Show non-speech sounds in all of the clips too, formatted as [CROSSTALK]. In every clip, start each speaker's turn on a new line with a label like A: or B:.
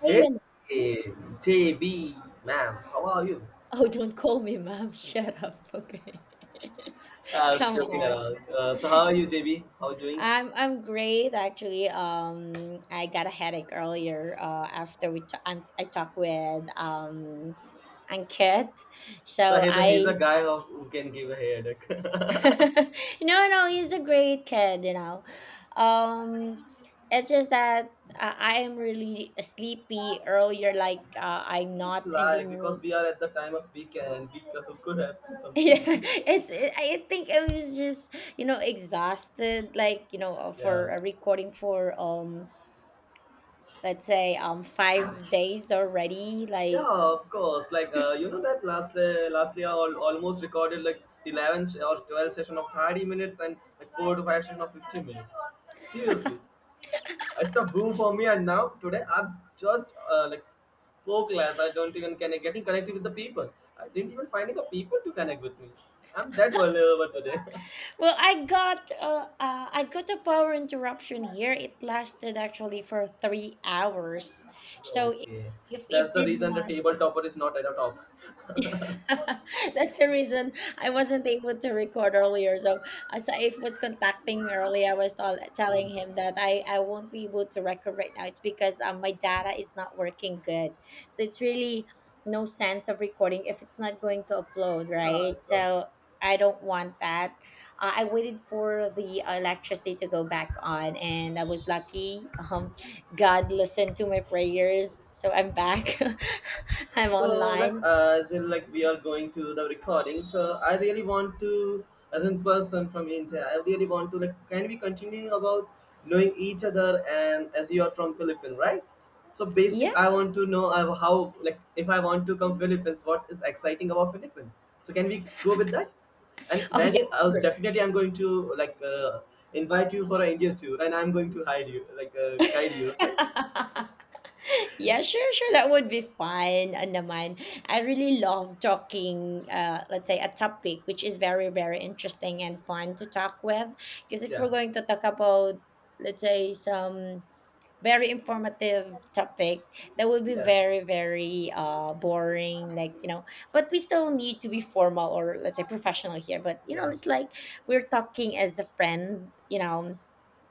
A: Hey,
B: Hey,
A: Nana.
B: JB, ma'am, how are you?
A: Oh, don't call me ma'am. [LAUGHS] Shut up. Okay.
B: I
A: [LAUGHS]
B: was
A: Come
B: joking
A: on.
B: around. So how are you, JB? How are you doing?
A: I'm great actually. I got a headache earlier. After I talked with Ankit,
B: So
A: so
B: he's a
A: I
B: guy who can give a headache. [LAUGHS]
A: [LAUGHS] no, he's a great kid. Um, it's just that I am really sleepy earlier. Like I'm
B: It's
A: not in the
B: life because
A: mood.
B: we are at the time of weekend, and we could have some
A: Yeah, [LAUGHS]
B: speed.
A: it's it, I think I was just you know exhausted, like for
B: Yeah.
A: a recording for let's say 5 days already. Like,
B: Yeah, of course. You know that last year almost recorded like 11 or 12 session of 30 minutes and like 4 to 5 session of 50 minutes. Seriously, it's a boom for me. And now today I've just like spoke less. I don't even can getting connected with the people. I didn't even finding the people to connect with me. I'm that vulnerable today. [LAUGHS]
A: well, I got I got a power interruption here. It lasted actually for 3 hours, so
B: Okay,
A: if
B: that's
A: it
B: the
A: did
B: reason the
A: not...
B: table topper is not at the top. [LAUGHS]
A: [LAUGHS] That's the reason I wasn't able to record earlier. So Saif was contacting me earlier. I was
B: Hmm.
A: telling him that I won't be able to record right now. It's because my data is not working good. So it's really no sense of recording if it's not going to upload,
B: Yeah,
A: right?
B: it's up.
A: So I don't want that. I waited for the electricity to go back on, and I was lucky. God listened to my prayers, so I'm back. [LAUGHS] I'm
B: So like
A: online.
B: as in like we are going to the recording. So I really want to, as in person from India, I really want to like can we continue about knowing each other, and as you are from Philippines, right? So basic,
A: Yeah.
B: I want to know how like if I want to come Philippines, what is exciting about Philippines? So can we go with that? And
A: Oh, yeah,
B: I
A: sure.
B: was definitely I'm going to like invite you for an interview, and I'm going to hide you like guide you. Okay?
A: [LAUGHS] Yeah, sure, sure. That would be fine, naman. I really love talking, let's say, a topic which is very, very interesting and fun to talk with. Because if we're
B: Yeah,
A: going to talk about, let's say, some very informative topic, that would be
B: yeah,
A: very, very boring. Like, you know, but we still need to be formal or, let's say, professional here. But, you know,
B: yeah,
A: it's like we're talking as a friend, you know,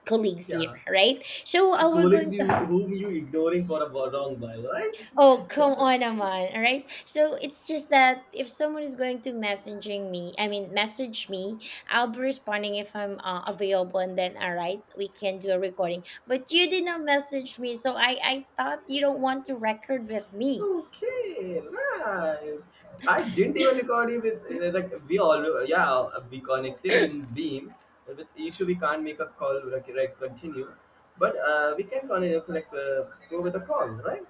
A: colleagues here,
B: yeah.
A: right? So
B: Are
A: we're
B: colleagues
A: going
B: you
A: to.
B: whom you ignoring for a wrong while, right?
A: Oh, come on, Aman. All right. So it's just that if someone is going to messaging me, I mean, message me, I'll be responding if I'm available, and then all right, we can do a recording. But you did not message me, so I thought you don't want to record with me.
B: Okay, nice. I didn't even record you with like we all, yeah, we connected with Beam. With issue we can't make a call like, continue, but we can connect like go with a call, right?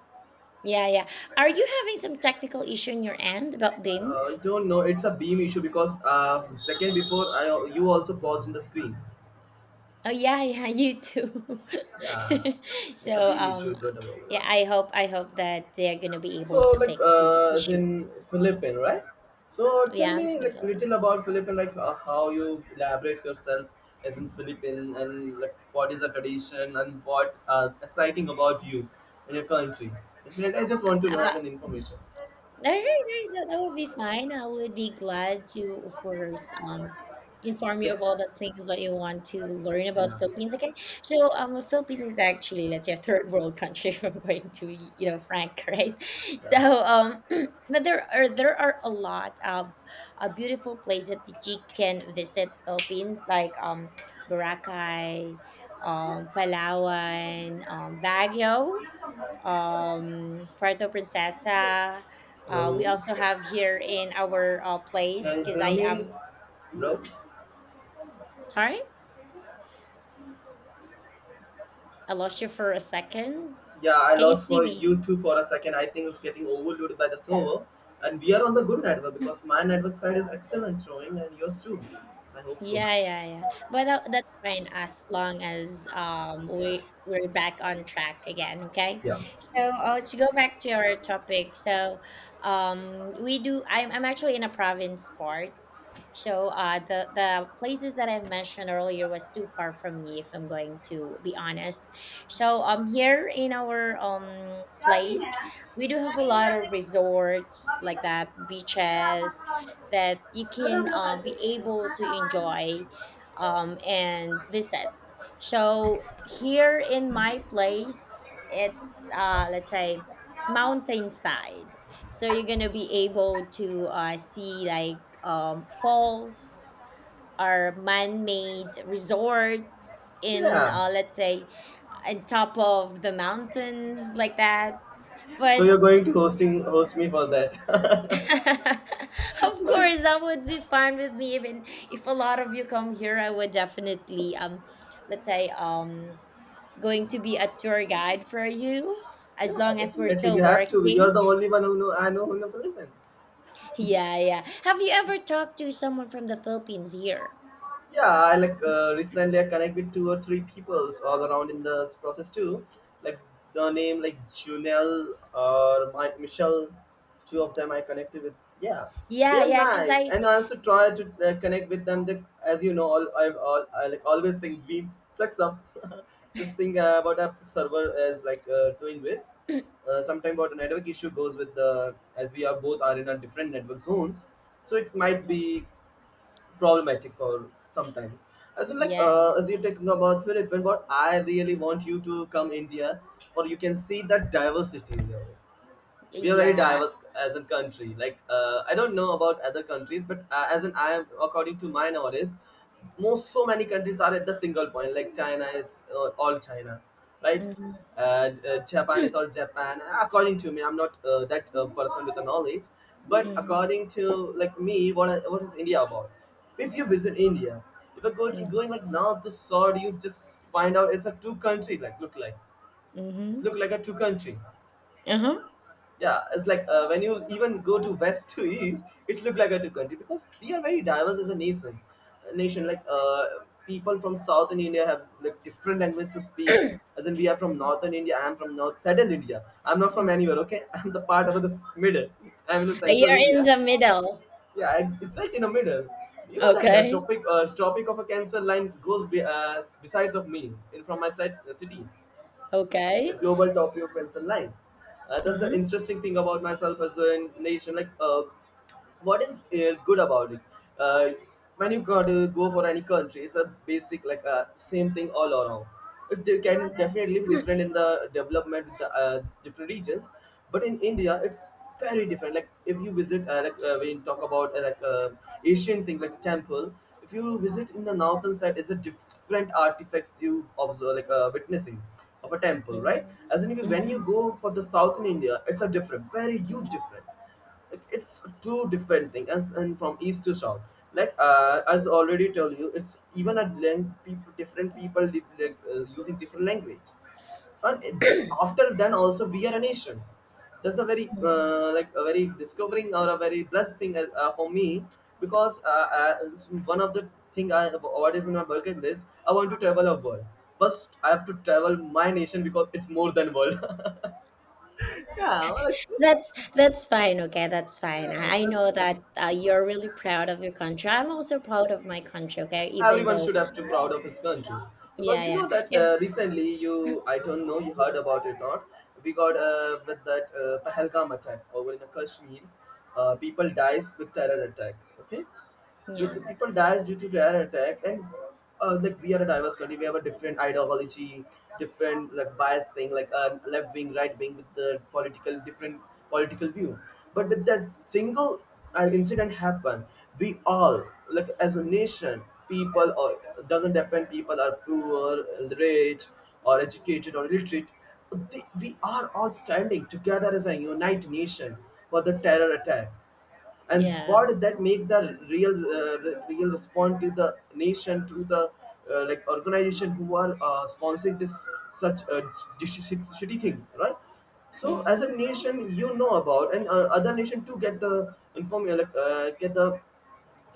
A: Yeah, yeah. Are you having some technical issue on your end about BIM?
B: I don't know. It's a Beam issue because second before I you also paused in the screen.
A: Oh yeah, [LAUGHS] yeah, you too. [LAUGHS]
B: Yeah, it's a
A: So
B: Beam issue. Don't worry
A: yeah,
B: about that.
A: I hope that they're gonna be able
B: So,
A: to
B: like,
A: fix the
B: as
A: issue.
B: in Philippine, right? So, tell
A: Yeah, I'm
B: me,
A: from the
B: like, little
A: Philippines.
B: about Philippine, like, how you elaborate yourself as in Philippine, and like, what is the tradition, and what exciting about you in your country. Definitely, I just want to know
A: About.
B: as an information.
A: All right, that, that would be fine. I would be glad to, of course, inform you of all
B: Yep.
A: the things that you want to learn about
B: Yeah.
A: Philippines. Okay, so Philippines is actually, let's say, a third world country, [LAUGHS] if I'm going to, you know, frank, [LAUGHS] right? So
B: Yeah.
A: [CLEARS THROAT] but there are a lot of beautiful places that you can visit Philippines, like Boracay, Palawan, Baguio, Puerto Princesa. We
B: Hello.
A: also have here in our place,
B: Can you
A: because
B: hear
A: I
B: me,
A: am
B: bro?
A: sorry, I lost you for a second.
B: Yeah, I
A: Can you
B: lost
A: see
B: for
A: me?
B: you too for a second. I think it's getting overloaded by the server. And we are on the good network because my network side is excellent showing and yours too. I hope so.
A: Yeah, yeah, yeah. But that's fine as long as we're back on track again. Okay.
B: Yeah.
A: So to go back to our topic, so we do. I'm actually in a province part. So the places that I mentioned earlier was too far from me, if I'm going to be honest. So here in our place, we do have a lot of resorts like that, beaches that you can be able to enjoy and visit. So here in my place, it's let's say, mountainside, so you're gonna be able to see like falls or man-made resort in
B: Yeah.
A: let's say, on top of the mountains like that.
B: So
A: But
B: you're going to host me for that.
A: [LAUGHS]
B: [LAUGHS]
A: of
B: like,
A: course that would be fine with me. Even if a lot of you come here, I would definitely let's say going to be a tour guide for you, as
B: yeah,
A: long as we're
B: definitely.
A: still
B: You have to. You're
A: working.
B: the only one who know I know who know Philippines.
A: Yeah, yeah. Have you ever talked to someone from the Philippines here?
B: Yeah, I like recently I connect with 2 or 3 peoples all around in the process too. Like the name like Junel or my, Michelle, two of them I connected with. Yeah, they
A: Yeah,
B: are
A: yeah, because
B: nice,
A: I.
B: and I also try to connect with them. Like, as you know, all I've all I like always think we sucks up. [LAUGHS] This thing about our server is like doing with. Sometime about a network issue goes with the as we are both are in a different network zones, so it might
A: Hmm.
B: be problematic for sometimes. As in, like,
A: Yeah, yeah.
B: as you're talking about Philippines, but I really want you to come India, or you can see that diversity in there. We are very
A: Yeah.
B: diverse as a country like I don't know about other countries, but as in I am according to my knowledge, most so many countries are at the single point, like China is all China, right?
A: Mm-hmm.
B: uh, Japan is all
A: [CLEARS THROAT]
B: Japan. According to me, I'm not that person with the knowledge, but
A: Mm-hmm.
B: according to like me what, what is India about. If you visit India, if you're going,
A: Mm-hmm.
B: going like north to south, you just find out it's a two country like look like.
A: Mm-hmm.
B: It's look like a two country.
A: Uh-huh.
B: Yeah, it's like when you even go to west to east, it's look like a two country because we are very diverse as a nation, a nation like people from southern India have like different language to speak. As in we are from northern India, I'm from north southern India. I'm not from anywhere,
A: Hmm.
B: okay? [LAUGHS] I'm the part of the middle. I'm in the central
A: You're in
B: India.
A: the middle.
B: Yeah, it's like in the middle. You know that the
A: Okay.
B: topic of a cancer line goes besides of me in from my side, city, a
A: Okay.
B: global top view pencil line. That's the
A: Uh-huh.
B: interesting thing about myself as a nation. Like, what is good about it? Uh, when you got to go for any country, it's a basic like same thing all around. It can
A: Mm-hmm.
B: definitely be different in the development, the, different regions, but in India, it's very different. Like if you visit, like when you talk about like Asian thing, like temple. If you visit in the northern side, it's a different artifacts you observe, like witnessing of a temple, right?
A: Mm-hmm.
B: As in, when you
A: Mm-hmm.
B: go for the south in India, it's a different, very huge different. Like, it's two different things, as and from east to south. Like as already tell you, it's even at length people, different people live, like, using different language, and it,
A: [CLEARS THROAT]
B: after then also we are a nation. That's a very
A: Mhm.
B: like a very discovering or a very blessed thing for me because it's one of the thing I what is in my bucket list. I want to travel a world. First I have to travel my nation because it's more than world. [LAUGHS] Yeah, well, it's,
A: That's that's fine. Okay, that's fine.
B: yeah,
A: I
B: that's the
A: know
B: thing.
A: that you're really proud of your country. I'm also proud of my country. Okay, even
B: Everyone should
A: though,
B: have to proud of his country
A: yeah,
B: because you
A: yeah,
B: know that
A: if,
B: recently, you I don't know you heard about it not, we got with that Pahalgam attack over in Kashmir. People dies with terror attack, okay? With
A: yeah,
B: people dies due to terror attack, and like we are a diverse country, we have a different ideology, different like bias thing, like left wing, right wing, with the political different, political view. But with that single, an incident happened, we all, like as a nation, people or doesn't depend, people are poor, rich, or educated or illiterate, we are all standing together as a united nation for the terror attack. And
A: yeah.
B: what did that make the real real response to the nation, to the like organization who are sponsoring this such shitty things, right? So as a
A: Mm-hmm.
B: nation you know about, and other nation too get the inform you, like get the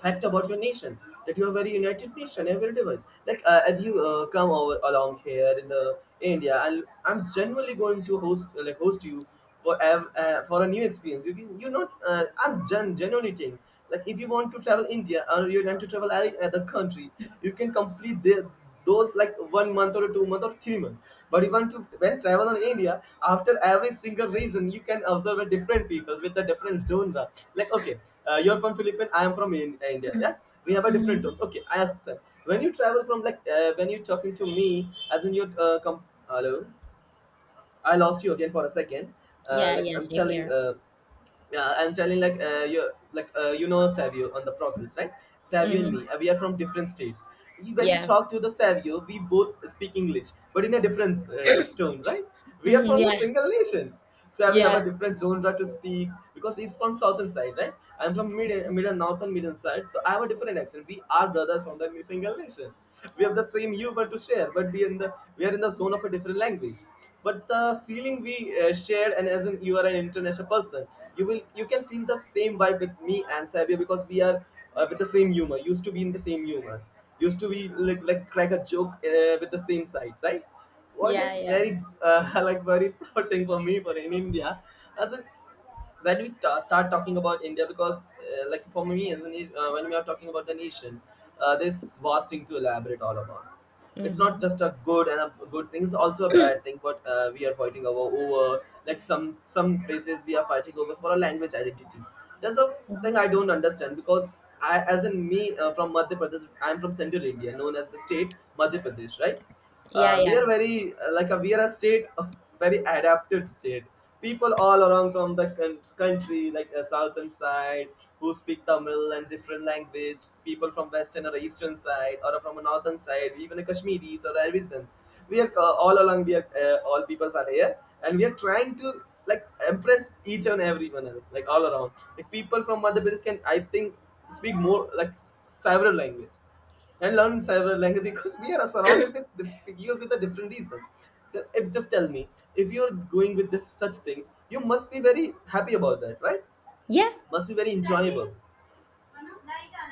B: fact about your nation, that you are very united nation, every device, like if you come over along here in the India. And I'm generally going to host you for for a new experience, you can you not I'm genuinely think, like if you want to travel India or you want to travel any other country, you can complete the those like one month or 2 month or 3 month, but even to when travel in India, after every single region you can observe a different people with a different genre, like okay, you're from Philippines, I am from India, yeah.
A: [CLEARS THROAT]
B: We have a different
A: Mm-hmm.
B: tones, okay? I accept when you travel from like when you're talking to me as in your hello. I lost you again for a second.
A: Yeah,
B: Like
A: yeah,
B: I'm
A: same
B: telling,
A: here.
B: yeah, I'm telling like you like you know Savio on the process, right? Savio and
A: Mm-hmm.
B: me, we are from different states. When you
A: Yeah.
B: talk to the Savio, we both speak English, but in a different tone, right? We are
A: Mm-hmm.
B: from the
A: Yeah.
B: single nation, so we have a
A: Yeah.
B: different zone right to speak because he's from southern side, right? I'm from middle northern middle side, so I have a different accent. We are brothers from the single nation. We have the same humor to share, but we are in the zone of a different language, but the feeling we shared. And as in you are an international person, you can feel the same vibe with me and Sabia because we are with the same humor, used to be in the same humor, used to be like, crack a joke with the same side, right? What
A: Yeah,
B: is
A: yeah.
B: very [LAUGHS] like very proud thing for me for in India. As in when we ta start talking about India, because like for me as when we are talking about the nation, this vast thing to elaborate all about. It's not
A: Mm-hmm.
B: just a good and a good thing; it's also a bad thing. But we are fighting over like some places we are fighting over for a language identity. That's a thing I
A: Mm-hmm.
B: don't understand because I, as in me from Madhya Pradesh, I'm from Central India, known as the state Madhya Pradesh, right?
A: Yeah,
B: Uh, we
A: yeah.
B: are very like a, we are a state of very adapted state, people all around from the country, like southern side, who speak Tamil and different language, people from western or eastern side or from a northern side, even the Kashmiris or everything. We are all along, we are all peoples are here, and we are trying to like impress each and everyone else, like all around, like people from other places can, I think, speak more like several language and learn several languages because we are surrounded with the figures with a different reason. If just tell me, if you're going with this such things, you must be very happy about that, right?
A: Yeah,
B: Must be very enjoyable.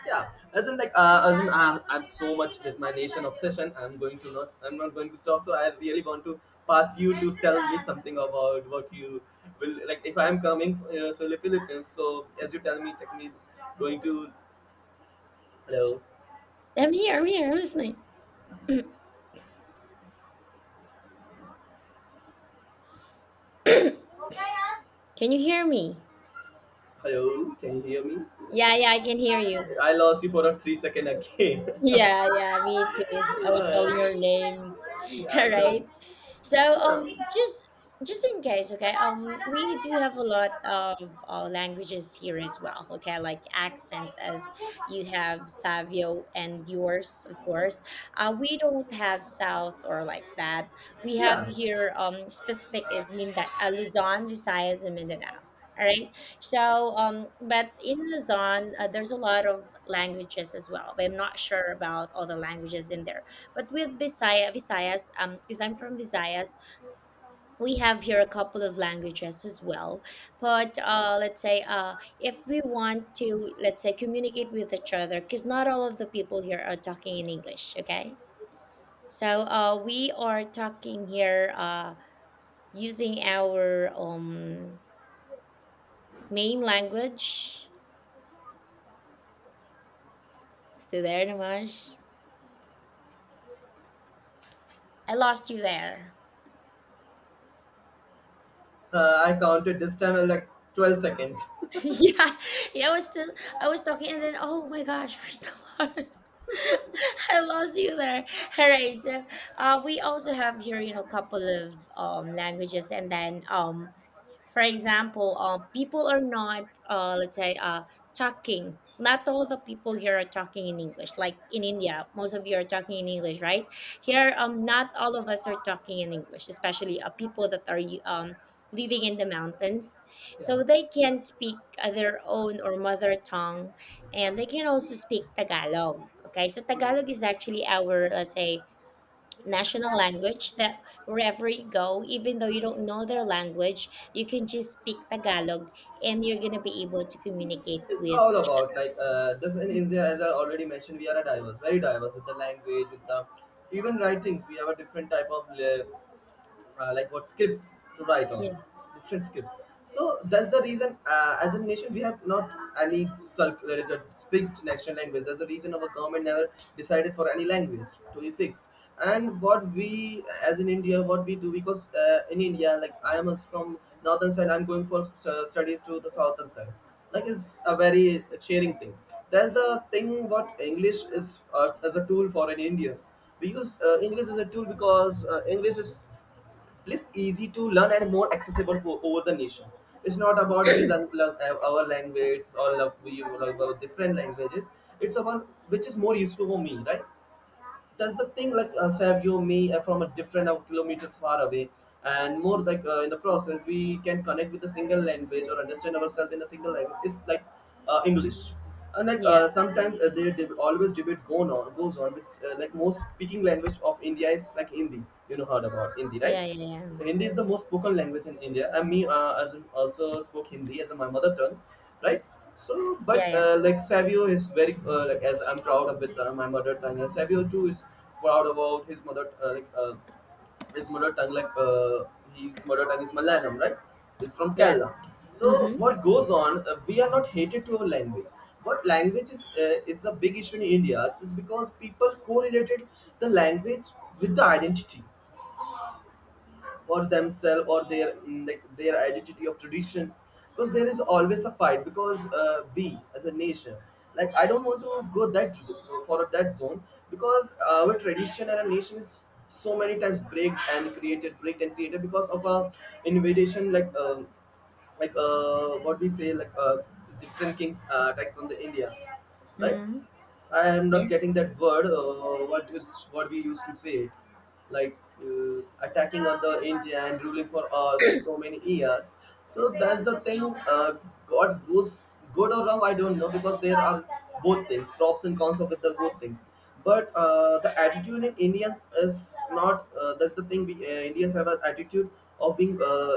B: Yeah, as in like as in I'm so much with my nation obsession. I'm going to not. I'm not going to stop. So I really want to pass you to tell me something about what you will like. If I'm coming to the Philippines, so as you tell me, take me, going to, hello.
A: I'm here, I'm here, I'm listening. [CLEARS THROAT] Can you hear me?
B: Hello, can you hear me?
A: Yeah, yeah, I can hear you.
B: I lost you for a 3 second again. [LAUGHS]
A: Yeah, yeah, me too. I was calling
B: Uh,
A: your name. [LAUGHS] All
B: yeah,
A: right.
B: dude.
A: So just in case, okay, we do have a lot of languages here as well, okay, like accent, as you have Savio and yours, of course. Uh, we don't have South or like that. We have
B: Yeah,
A: here specific is Mindanao, Luzon, Visayas, and Mindanao. All right. So, but in Luzon, there's a lot of languages as well, but I'm not sure about all the languages in there. But with Visayas, because I'm from Visayas, we have here a couple of languages as well. But let's say, if we want to, let's say, communicate with each other, because not all of the people here are talking in English, okay? So we are talking here using our main language. Still there, Namash? I lost you there.
B: I counted this time at like 12 seconds. [LAUGHS]
A: [LAUGHS] Yeah, yeah, I was still I was talking and then oh my gosh, [LAUGHS] we're still on. [LAUGHS] I lost you there. All right. So, we also have here, you know, a couple of languages, and then, for example, people are not, let's say, talking. Not all the people here are talking in English. Like in India, most of you are talking in English, right? Here, not all of us are talking in English, especially people that are um living in the mountains.
B: Yeah.
A: So they can speak their own or mother tongue, and they can also speak Tagalog. Okay, so
B: Hmm.
A: Tagalog is actually our, let's say, national language, that wherever you go, even though you don't know their language, you can just speak Tagalog and you're going to be able to communicate
B: It's
A: with
B: all
A: each
B: about like this in
A: other.
B: India, as I already mentioned, we are a diverse, very diverse with the language, with the even writings. We have a different type of like what scripts to write on,
A: Yeah,
B: different scripts. So that's the reason as a nation we have not any like a fixed national language. That's the reason our government never decided for any language to be fixed. And what we, as in India, what we do, because in India, like I am from northern side, I'm going for studies to the southern side, like it's a very cheering thing. That's the thing, what English is, as a tool for an Indians, we use English as a tool, because English is less easy to learn and more accessible for, over the nation. It's not about we learn our language or love, we love our different languages. It's about which is more useful for me, right? That's the thing. Like Sab, you, me, from a different kilometers far away, and more like in the process, we can connect with a single language or understand ourselves in a single language. It's like English. And like
A: yeah,
B: sometimes there always debates going on goes on. It's like most speaking language of India is like Hindi. You know, heard about Hindi, right?
A: yeah, yeah, yeah,
B: Hindi is the most spoken language in India. And me, as in also spoke Hindi as my mother tongue, right? So,
A: yeah,
B: but
A: yeah.
B: like Savio is very like as I'm proud of with my mother tongue, and Savio too is proud about his mother like his mother tongue, like his mother tongue is Malayalam, right? He's from
A: Yeah.
B: Kerala. So
A: Mm-hmm,
B: what goes on? We are not hated to our language. What language is a big issue in India is because people correlated the language with the identity or themselves or their like their identity of tradition, because there is always a fight, because we as a nation, like I don't want to go that for that zone, because our tradition and our nation is so many times break and created, break and created, because of a invasion like what we say, like different kings attacks on the India, like
A: mm-hmm,
B: I am
A: yeah.
B: not getting that word. What is what we used to say it, like attacking on the India and ruling for us so many years. So that's the thing. God goes good or wrong, I don't know, because there are both things, props and cons of the both things. But the attitude in Indians is not. That's the thing. We, Indians have an attitude of being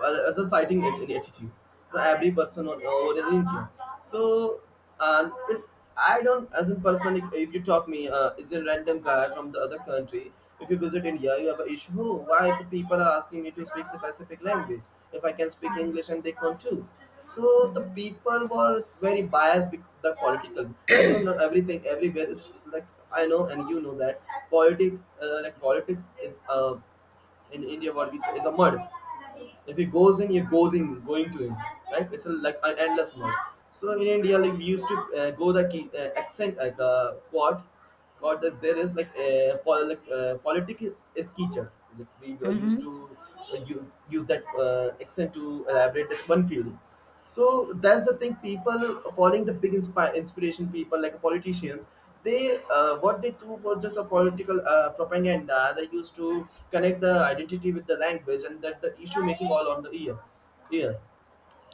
B: well, as a fighting at any attitude for every person on over in India. So it's, I don't as a person if you talk me is a random guy from the other country. If you visit India, you have an issue. "Oh, why the people are asking me to speak a specific language? If I can speak
A: Mm-hmm,
B: English and they can too." So the
A: mm-hmm.
B: people was very biased with the political. I don't know, everything everywhere is like, I know and you know that politic, like politics is, in India, what we say is a mud. If he goes in, he goes in, going to him, right? It's a, like an endless mud. So in India, like we used to go the key, accent, like quad. That's there is like like politics is teacher. Like we used
A: Mm-hmm.
B: to use that accent to elaborate that one feeling. So that's the thing, people following the big inspiration people like politicians, they what they do was just a political propaganda. They used to connect the identity with the language, and that the issue making all on the ear.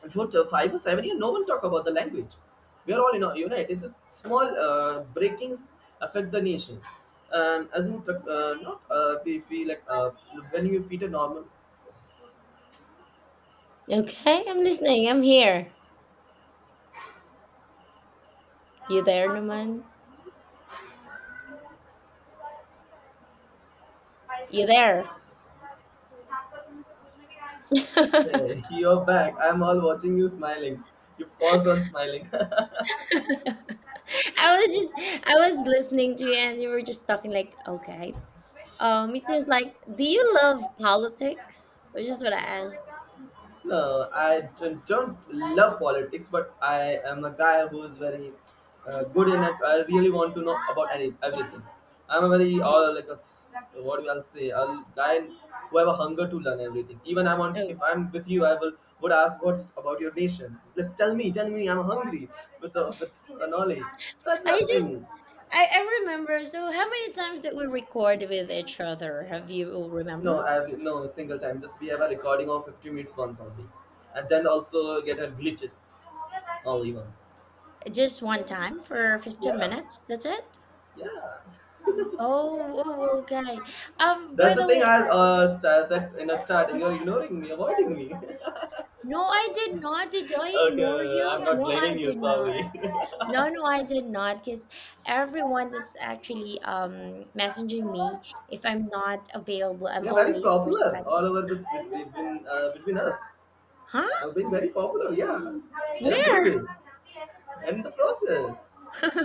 B: If you're 5 or 7 years, no one talk about the language, we are all in a unit. It's a small breakings affect the nation. And as in not we feel like when you repeat a normal.
A: Okay, I'm listening. I'm here. You there, Naman? You there?
B: Hey, you're back. I'm all watching you smiling. You paused on smiling. [LAUGHS]
A: [LAUGHS] [LAUGHS] I was just I was listening to you and you were just talking like, okay. It seems like, do you love politics? Which is what I asked.
B: No, I don't love politics, but I am a guy who is very good in it. I really want to know about any, everything. I'm a very
A: No.
B: all like a what do I'll say, a guy who have a hunger to learn everything. Even I'm on
A: Oh.
B: if I'm with you, I will would ask what's about your nation. Just tell me, tell me. I'm hungry with the knowledge. Such
A: I
B: a
A: just
B: thing.
A: I remember, so how many times did we record with each other? Have you
B: No,
A: remember?
B: I have no single time. Just we have a recording of 50 minutes once only, and then also get a glitch only even.
A: Just one time for fifteen
B: Yeah,
A: minutes, that's it?
B: yeah.
A: Oh, oh, okay. Um, by
B: That's the
A: the
B: thing
A: way,
B: I said in the start. You're ignoring me, avoiding me. [LAUGHS]
A: no, I did not. Did I ignore
B: Okay, I'm
A: you?
B: not
A: No, I
B: blaming you,
A: did not.
B: sorry. [LAUGHS]
A: No, no, I did not. Because everyone that's actually messaging me, if I'm not available, I'm
B: Yeah, very
A: always
B: popular
A: responding.
B: all over the, between, between us.
A: Huh?
B: We are being very popular, yeah, in a good
A: Where?
B: way. And the process.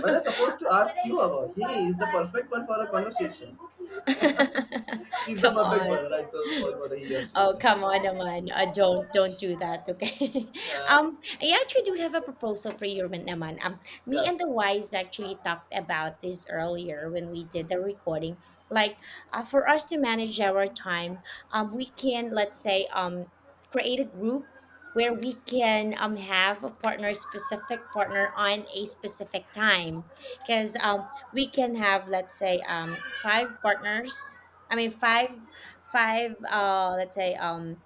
B: When I supposed to ask you about, he is the perfect one for a conversation. [LAUGHS]
A: [LAUGHS]
B: She's the
A: Come
B: perfect
A: on.
B: one, right? So for the he or she
A: Oh, come
B: confusion.
A: on, naman. Don't do that, okay? [LAUGHS]
B: Uh,
A: I actually do have a proposal for you, naman. Me
B: yeah,
A: and the wise actually talked about this earlier when we did the recording. Like, for us to manage our time, we can, let's say, create a group where we can have a partner, specific partner on a specific time, because we can have, let's say, five partners, I mean five, let's say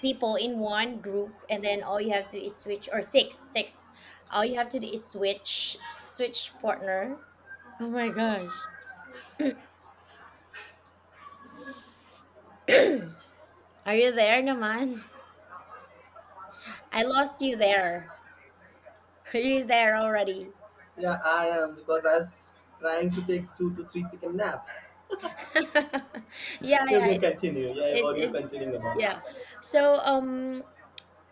A: people in one group, and then all you have to do is switch, or six, all you have to do is switch, partner. Oh my gosh. [CLEARS THROAT] Are you there, naman? I lost you there. [LAUGHS] Are you there already?
B: yeah, I am because I was trying to take 2 to 3 second nap. [LAUGHS]
A: [LAUGHS] Yeah,
B: You
A: yeah,
B: can
A: it's
B: continue. Yeah,
A: it's
B: what you
A: it's
B: continuing about?
A: yeah. So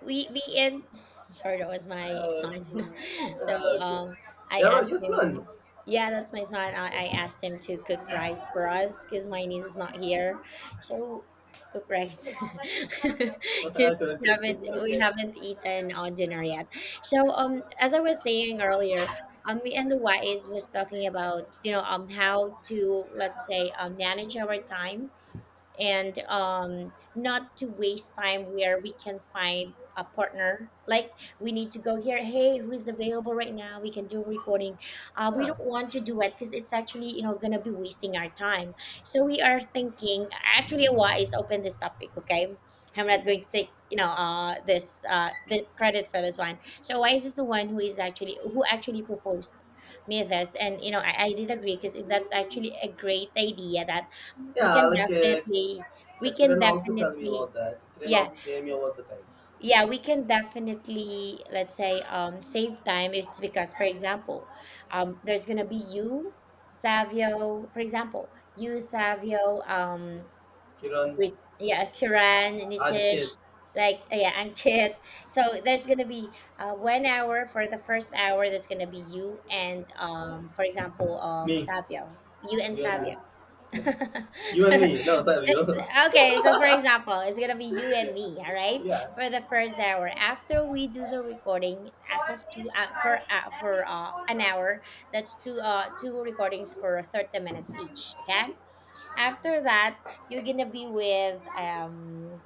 A: we in [LAUGHS] sorry, that was my
B: Uh,
A: son. [LAUGHS] So
B: ah, okay.
A: um I
B: Never,
A: asked
B: your
A: him to
B: son.
A: yeah, that's my son. I asked him to cook rice for us because my niece is not here, so cook rice.
B: [LAUGHS]
A: [LAUGHS] 'Cause
B: I don't
A: we
B: take it.
A: haven't we
B: Okay.
A: haven't eaten on dinner yet. So as I was saying earlier, me and the wise was talking about, you know, how to, let's say, manage our time, and not to waste time, where we can find a partner. Like, we need to go here. Hey, who is available right now? We can do a recording. We don't
B: Yeah,
A: want to do it because it's actually, you know, gonna be wasting our time. So we are thinking. Actually, why is open this topic? Okay, I'm not going to take, you know, this the credit for this one. So why is this the one who is actually who actually proposed me this? And you know I did agree because that's actually a great idea that we can
B: yeah, like,
A: definitely we
B: yeah,
A: can
B: Kiran also tell me
A: definitely
B: about that. Kiran
A: yeah,
B: also tell me about the time.
A: yeah, we can definitely, let's say save time. It's because, for example, there's gonna be you, Savio,
B: Kiran,
A: with, yeah, Kiran,
B: Ankit,
A: Nitish, yeah, and Kit. So there's gonna be 1 hour. For the first hour, that's gonna be you and, for example,
B: me,
A: savio you and
B: you and me.
A: Savio.
B: Yeah. You and me. No,
A: [LAUGHS]
B: sorry. Yours.
A: Uh, Okay, so for example, it's gonna be you and me, all right,
B: [LAUGHS] Yeah.
A: for the first hour. After we do the recording, after two for an hour, that's two recordings for 30 minutes each. Okay. After that, you're gonna be with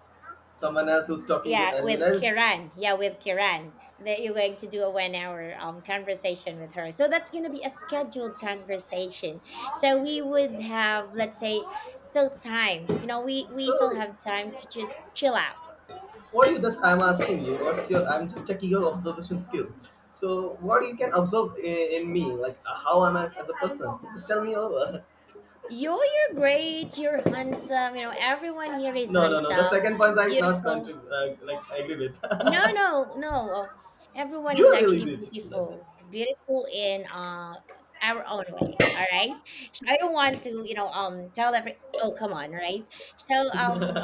B: Someone else who's talking with
A: yeah,
B: anyone
A: with
B: else.
A: kiran yeah with Kiran, that you're going to do a 1 hour conversation with her. So that's going to be a scheduled conversation. So we would have, let's say, still time. You know, we
B: So,
A: still have time to just chill out.
B: what do you thus, I'm asking you what's your, I'm just checking your observation skill. So what you can observe in me, like how am I as a person, just tell me over.
A: You're great, you're handsome. You know, everyone here
B: [LAUGHS]
A: is
B: No, no, no, the
A: handsome,
B: second point I not
A: beautiful.
B: like I agree with. [LAUGHS]
A: No, no, no. Everyone
B: You
A: is
B: are really
A: actually
B: beautiful, that's it.
A: beautiful, beautiful in our own way. All right. So I don't want to, you know, tell every. Oh, come on, right? So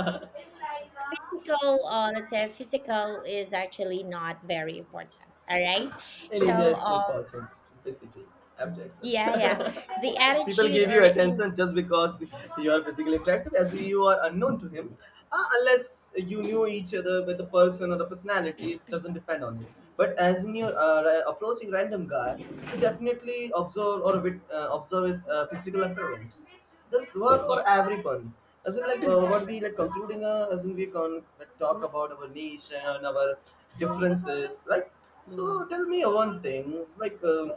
A: physical, let's say physical is actually not very important. All right.
B: In
A: So
B: India it's important, basically, I have to accept.
A: yeah, yeah,
B: [LAUGHS]
A: the
B: People
A: attitude
B: give
A: or
B: you
A: in.
B: attention just because you are physically attractive, as you are unknown to him. Unless you knew each other with the person or the personality, it doesn't depend on it. But as in you're approaching random guy, so definitely observe or observe his physical appearance. This work
A: Yeah.
B: for everyone. As in like what we like concluding, as in we can talk about our nation, our differences, like. So tell me one thing, like.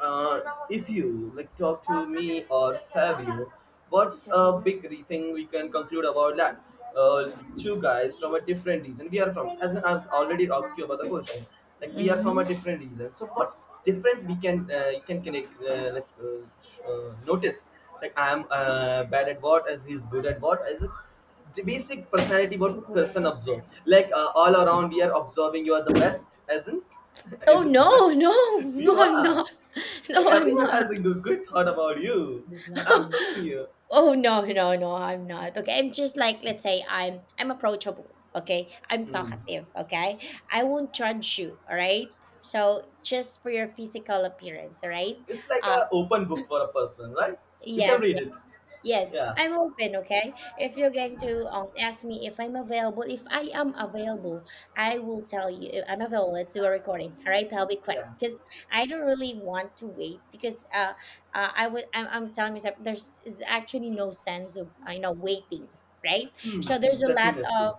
B: uh, if you like talk to me or Savio, what's a big thing we can conclude about that? Two guys from a different region. We are from, as in, I've already asked you about the question. Like we are from a
A: Hmm.
B: different region. So what's different? We can you can connect like notice. Like I am bad at what, as he's good at what. As a the basic personality, what person observe. Like all around, we are observing. You are the best, isn't? [LAUGHS]
A: Oh
B: Is it right?
A: no, no, [LAUGHS]
B: You
A: no! I'm
B: are.
A: not. [LAUGHS]
B: Like
A: No, I'm
B: everyone
A: not.
B: has a good, good thought about you. I'm telling
A: [LAUGHS]
B: you.
A: Oh, no, no, no, I'm not, okay? I'm just, like, let's say I'm approachable, okay? I'm
B: Hmm.
A: talkative, okay? I won't judge you, all right? So just for your physical appearance, all right.
B: It's like
A: uh
B: a open book for a person, right? You
A: yes.
B: can read it.
A: Yes,
B: Yeah.
A: I'm open, okay? If you're going to ask me if I'm available, if I am available, I will tell you if I'm available. Let's do a recording. All right, that'll be quick
B: Yeah.
A: because I don't really want to wait because I'm telling myself there's is actually no sense of waiting, right? So there's a lot
B: Definitely.
A: of,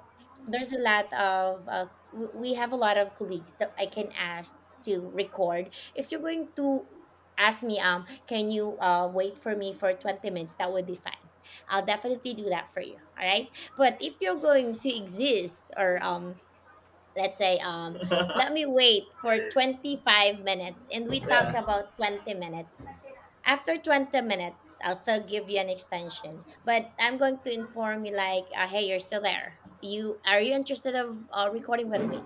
A: there's a lot of we have a lot of colleagues that I can ask to record. If you're going to ask me, can you wait for me for 20 minutes, that would be fine. I'll definitely do that for you, all right? But if you're going to exist or let's say let me wait for 25 minutes and we talk
B: Yeah.
A: about 20 minutes. After 20 minutes, I'll still give you an extension, but I'm going to inform you, like, hey, you're still there, you are, you interested of recording with me?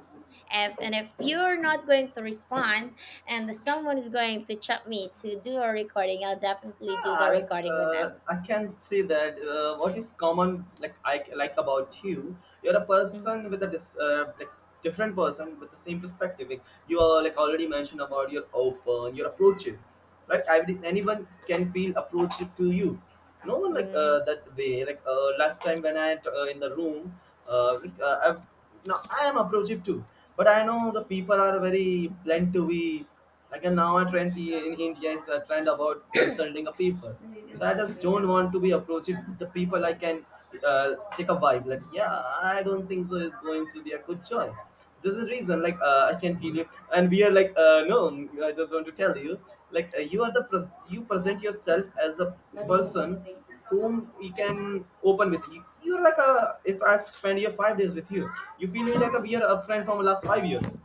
A: If, and if you're not going to respond, and someone is going to chat me to do a recording, I'll definitely do the
B: Ah, like
A: recording with
B: uh,
A: them.
B: I can say that what is common like I like about you, you're a person with a dis, like different person with the same perspective. Like you are like already mentioned about you're open, you're approachable, right? I, anyone can feel approachable to you. No one like
A: Mm-hmm.
B: that way. Like last time when I in the room, like, I now I am approachable too, but I know the people are very blunt to be. Like and now a trend in India is a trend about insulting a people. So I just don't want to be approaching the people I can take a vibe. Like yeah, I don't think so is going to be a good choice. This is the reason like I can feel you, and we are like no. I just want to tell you like you are the you present yourself as a person whom you can open with. You're like a if I've spent your five days with you, you feel me like a, we are a friend from last five years.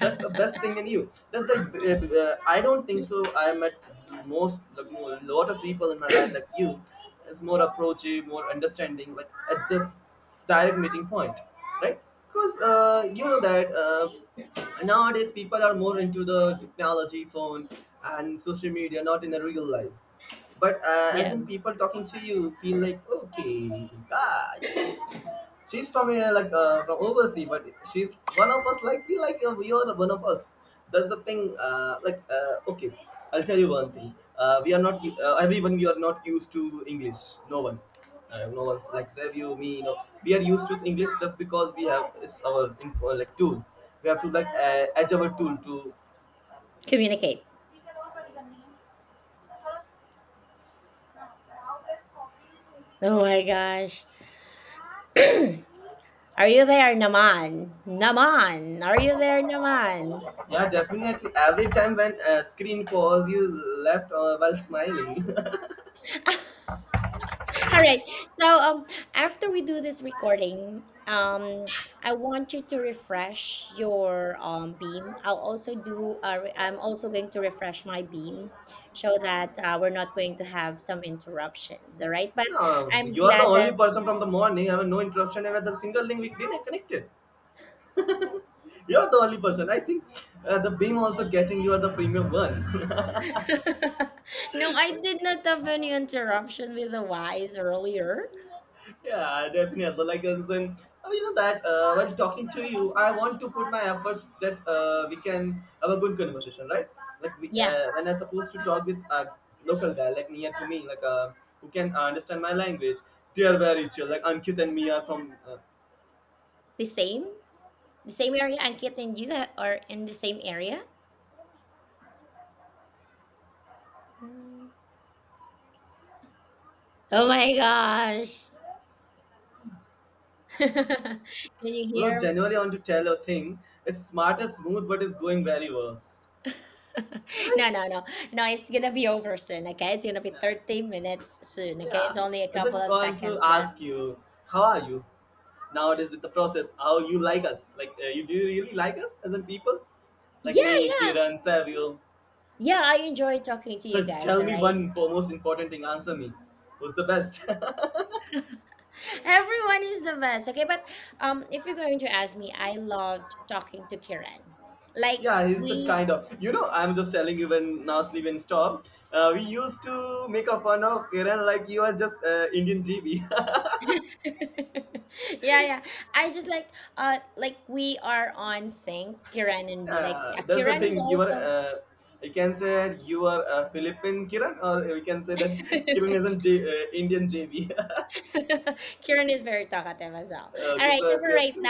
B: That's the best thing in you. That's the I don't think so I met most lot of people in my life like you is more approachable, more understanding, like at this direct meeting point, right? Because you know that nowadays people are more into the technology phone and social media, not in the real life. But as
A: Yeah.
B: in people talking to you feel like okay guys. She's from from overseas, but she's one of us. Like we are one of us. That's the thing. Okay, I'll tell you one thing. We are not everyone. We are not used to English. No one. No one's like save you me. No, we are used to English just because we have it's our tool. We have to like edge our tool to
A: Communicate. Oh my gosh, are you there, Naman? Naman, are you there, Naman?
B: yeah, definitely every time when screen pause you left while smiling. [LAUGHS]
A: All right. So after we do this recording, I want you to refresh your beam. I'll also do. I'm also going to refresh my beam, so that we're not going to have some interruptions. All right. But
B: No,
A: I'm
B: you are the
A: glad
B: only
A: that.
B: person from the morning. I have no interruption and the single link we didn't connect it. You are the only person. I think the beam also getting you are the premium one.
A: [LAUGHS] No,
B: [LAUGHS]
A: I did not have any interruption with the wise earlier.
B: Yeah, definitely. Like I'm oh, you know that while talking to you, I want to put my efforts that we can have a good conversation, right? Like we,
A: Yeah,
B: when I'm supposed to talk with a local guy, like near to me, like who can understand my language. They are very chill. Like Ankit and me are from
A: the same, the same area. Ankit and you are in the same area. Mm. Oh my gosh. [LAUGHS] Can you
B: who don't
A: hear me?
B: genuinely want to tell a thing. It's smart and smooth, but it's going very worst.
A: [LAUGHS] No,
B: Right?
A: no, no. No, it's gonna be over soon, okay? It's gonna be
B: Yeah.
A: 30 minutes soon, okay? It's
B: Yeah.
A: only a
B: I
A: couple
B: just
A: of
B: want to
A: seconds left.
B: ask you, how are you nowadays with the process? How you like us? Like, you do you really like us as in people? Like
A: Yeah,
B: me,
A: yeah.
B: Kiran, Savio.
A: Yeah, I enjoy talking to you
B: So
A: guys,
B: tell
A: all
B: me
A: right?
B: one most important thing. Answer me. Who's the best?
A: [LAUGHS] Everyone is the best, okay? But if you're going to ask me, I loved talking to Kiran.
B: [LAUGHS]
A: Like,
B: Yeah, he's the
A: we
B: kind of. You know, I'm just telling you when now sleep and stop. We used to make a fun of Kiran like you are just Indian GB. [LAUGHS]
A: [LAUGHS] yeah, yeah. I just like, like, we are on sync, Kiran and me. Like,
B: That's the
A: Kiran is
B: thing. You are,
A: also
B: you can say you are a Philippine Kiran, or we can say that [LAUGHS] Kiran is
A: [LAUGHS]
B: an Indian JB. [LAUGHS]
A: [LAUGHS] Kieran is very talkative as well. All
B: Okay,
A: right,
B: so
A: so
B: as
A: for
B: we
A: right
B: have
A: now.
B: to.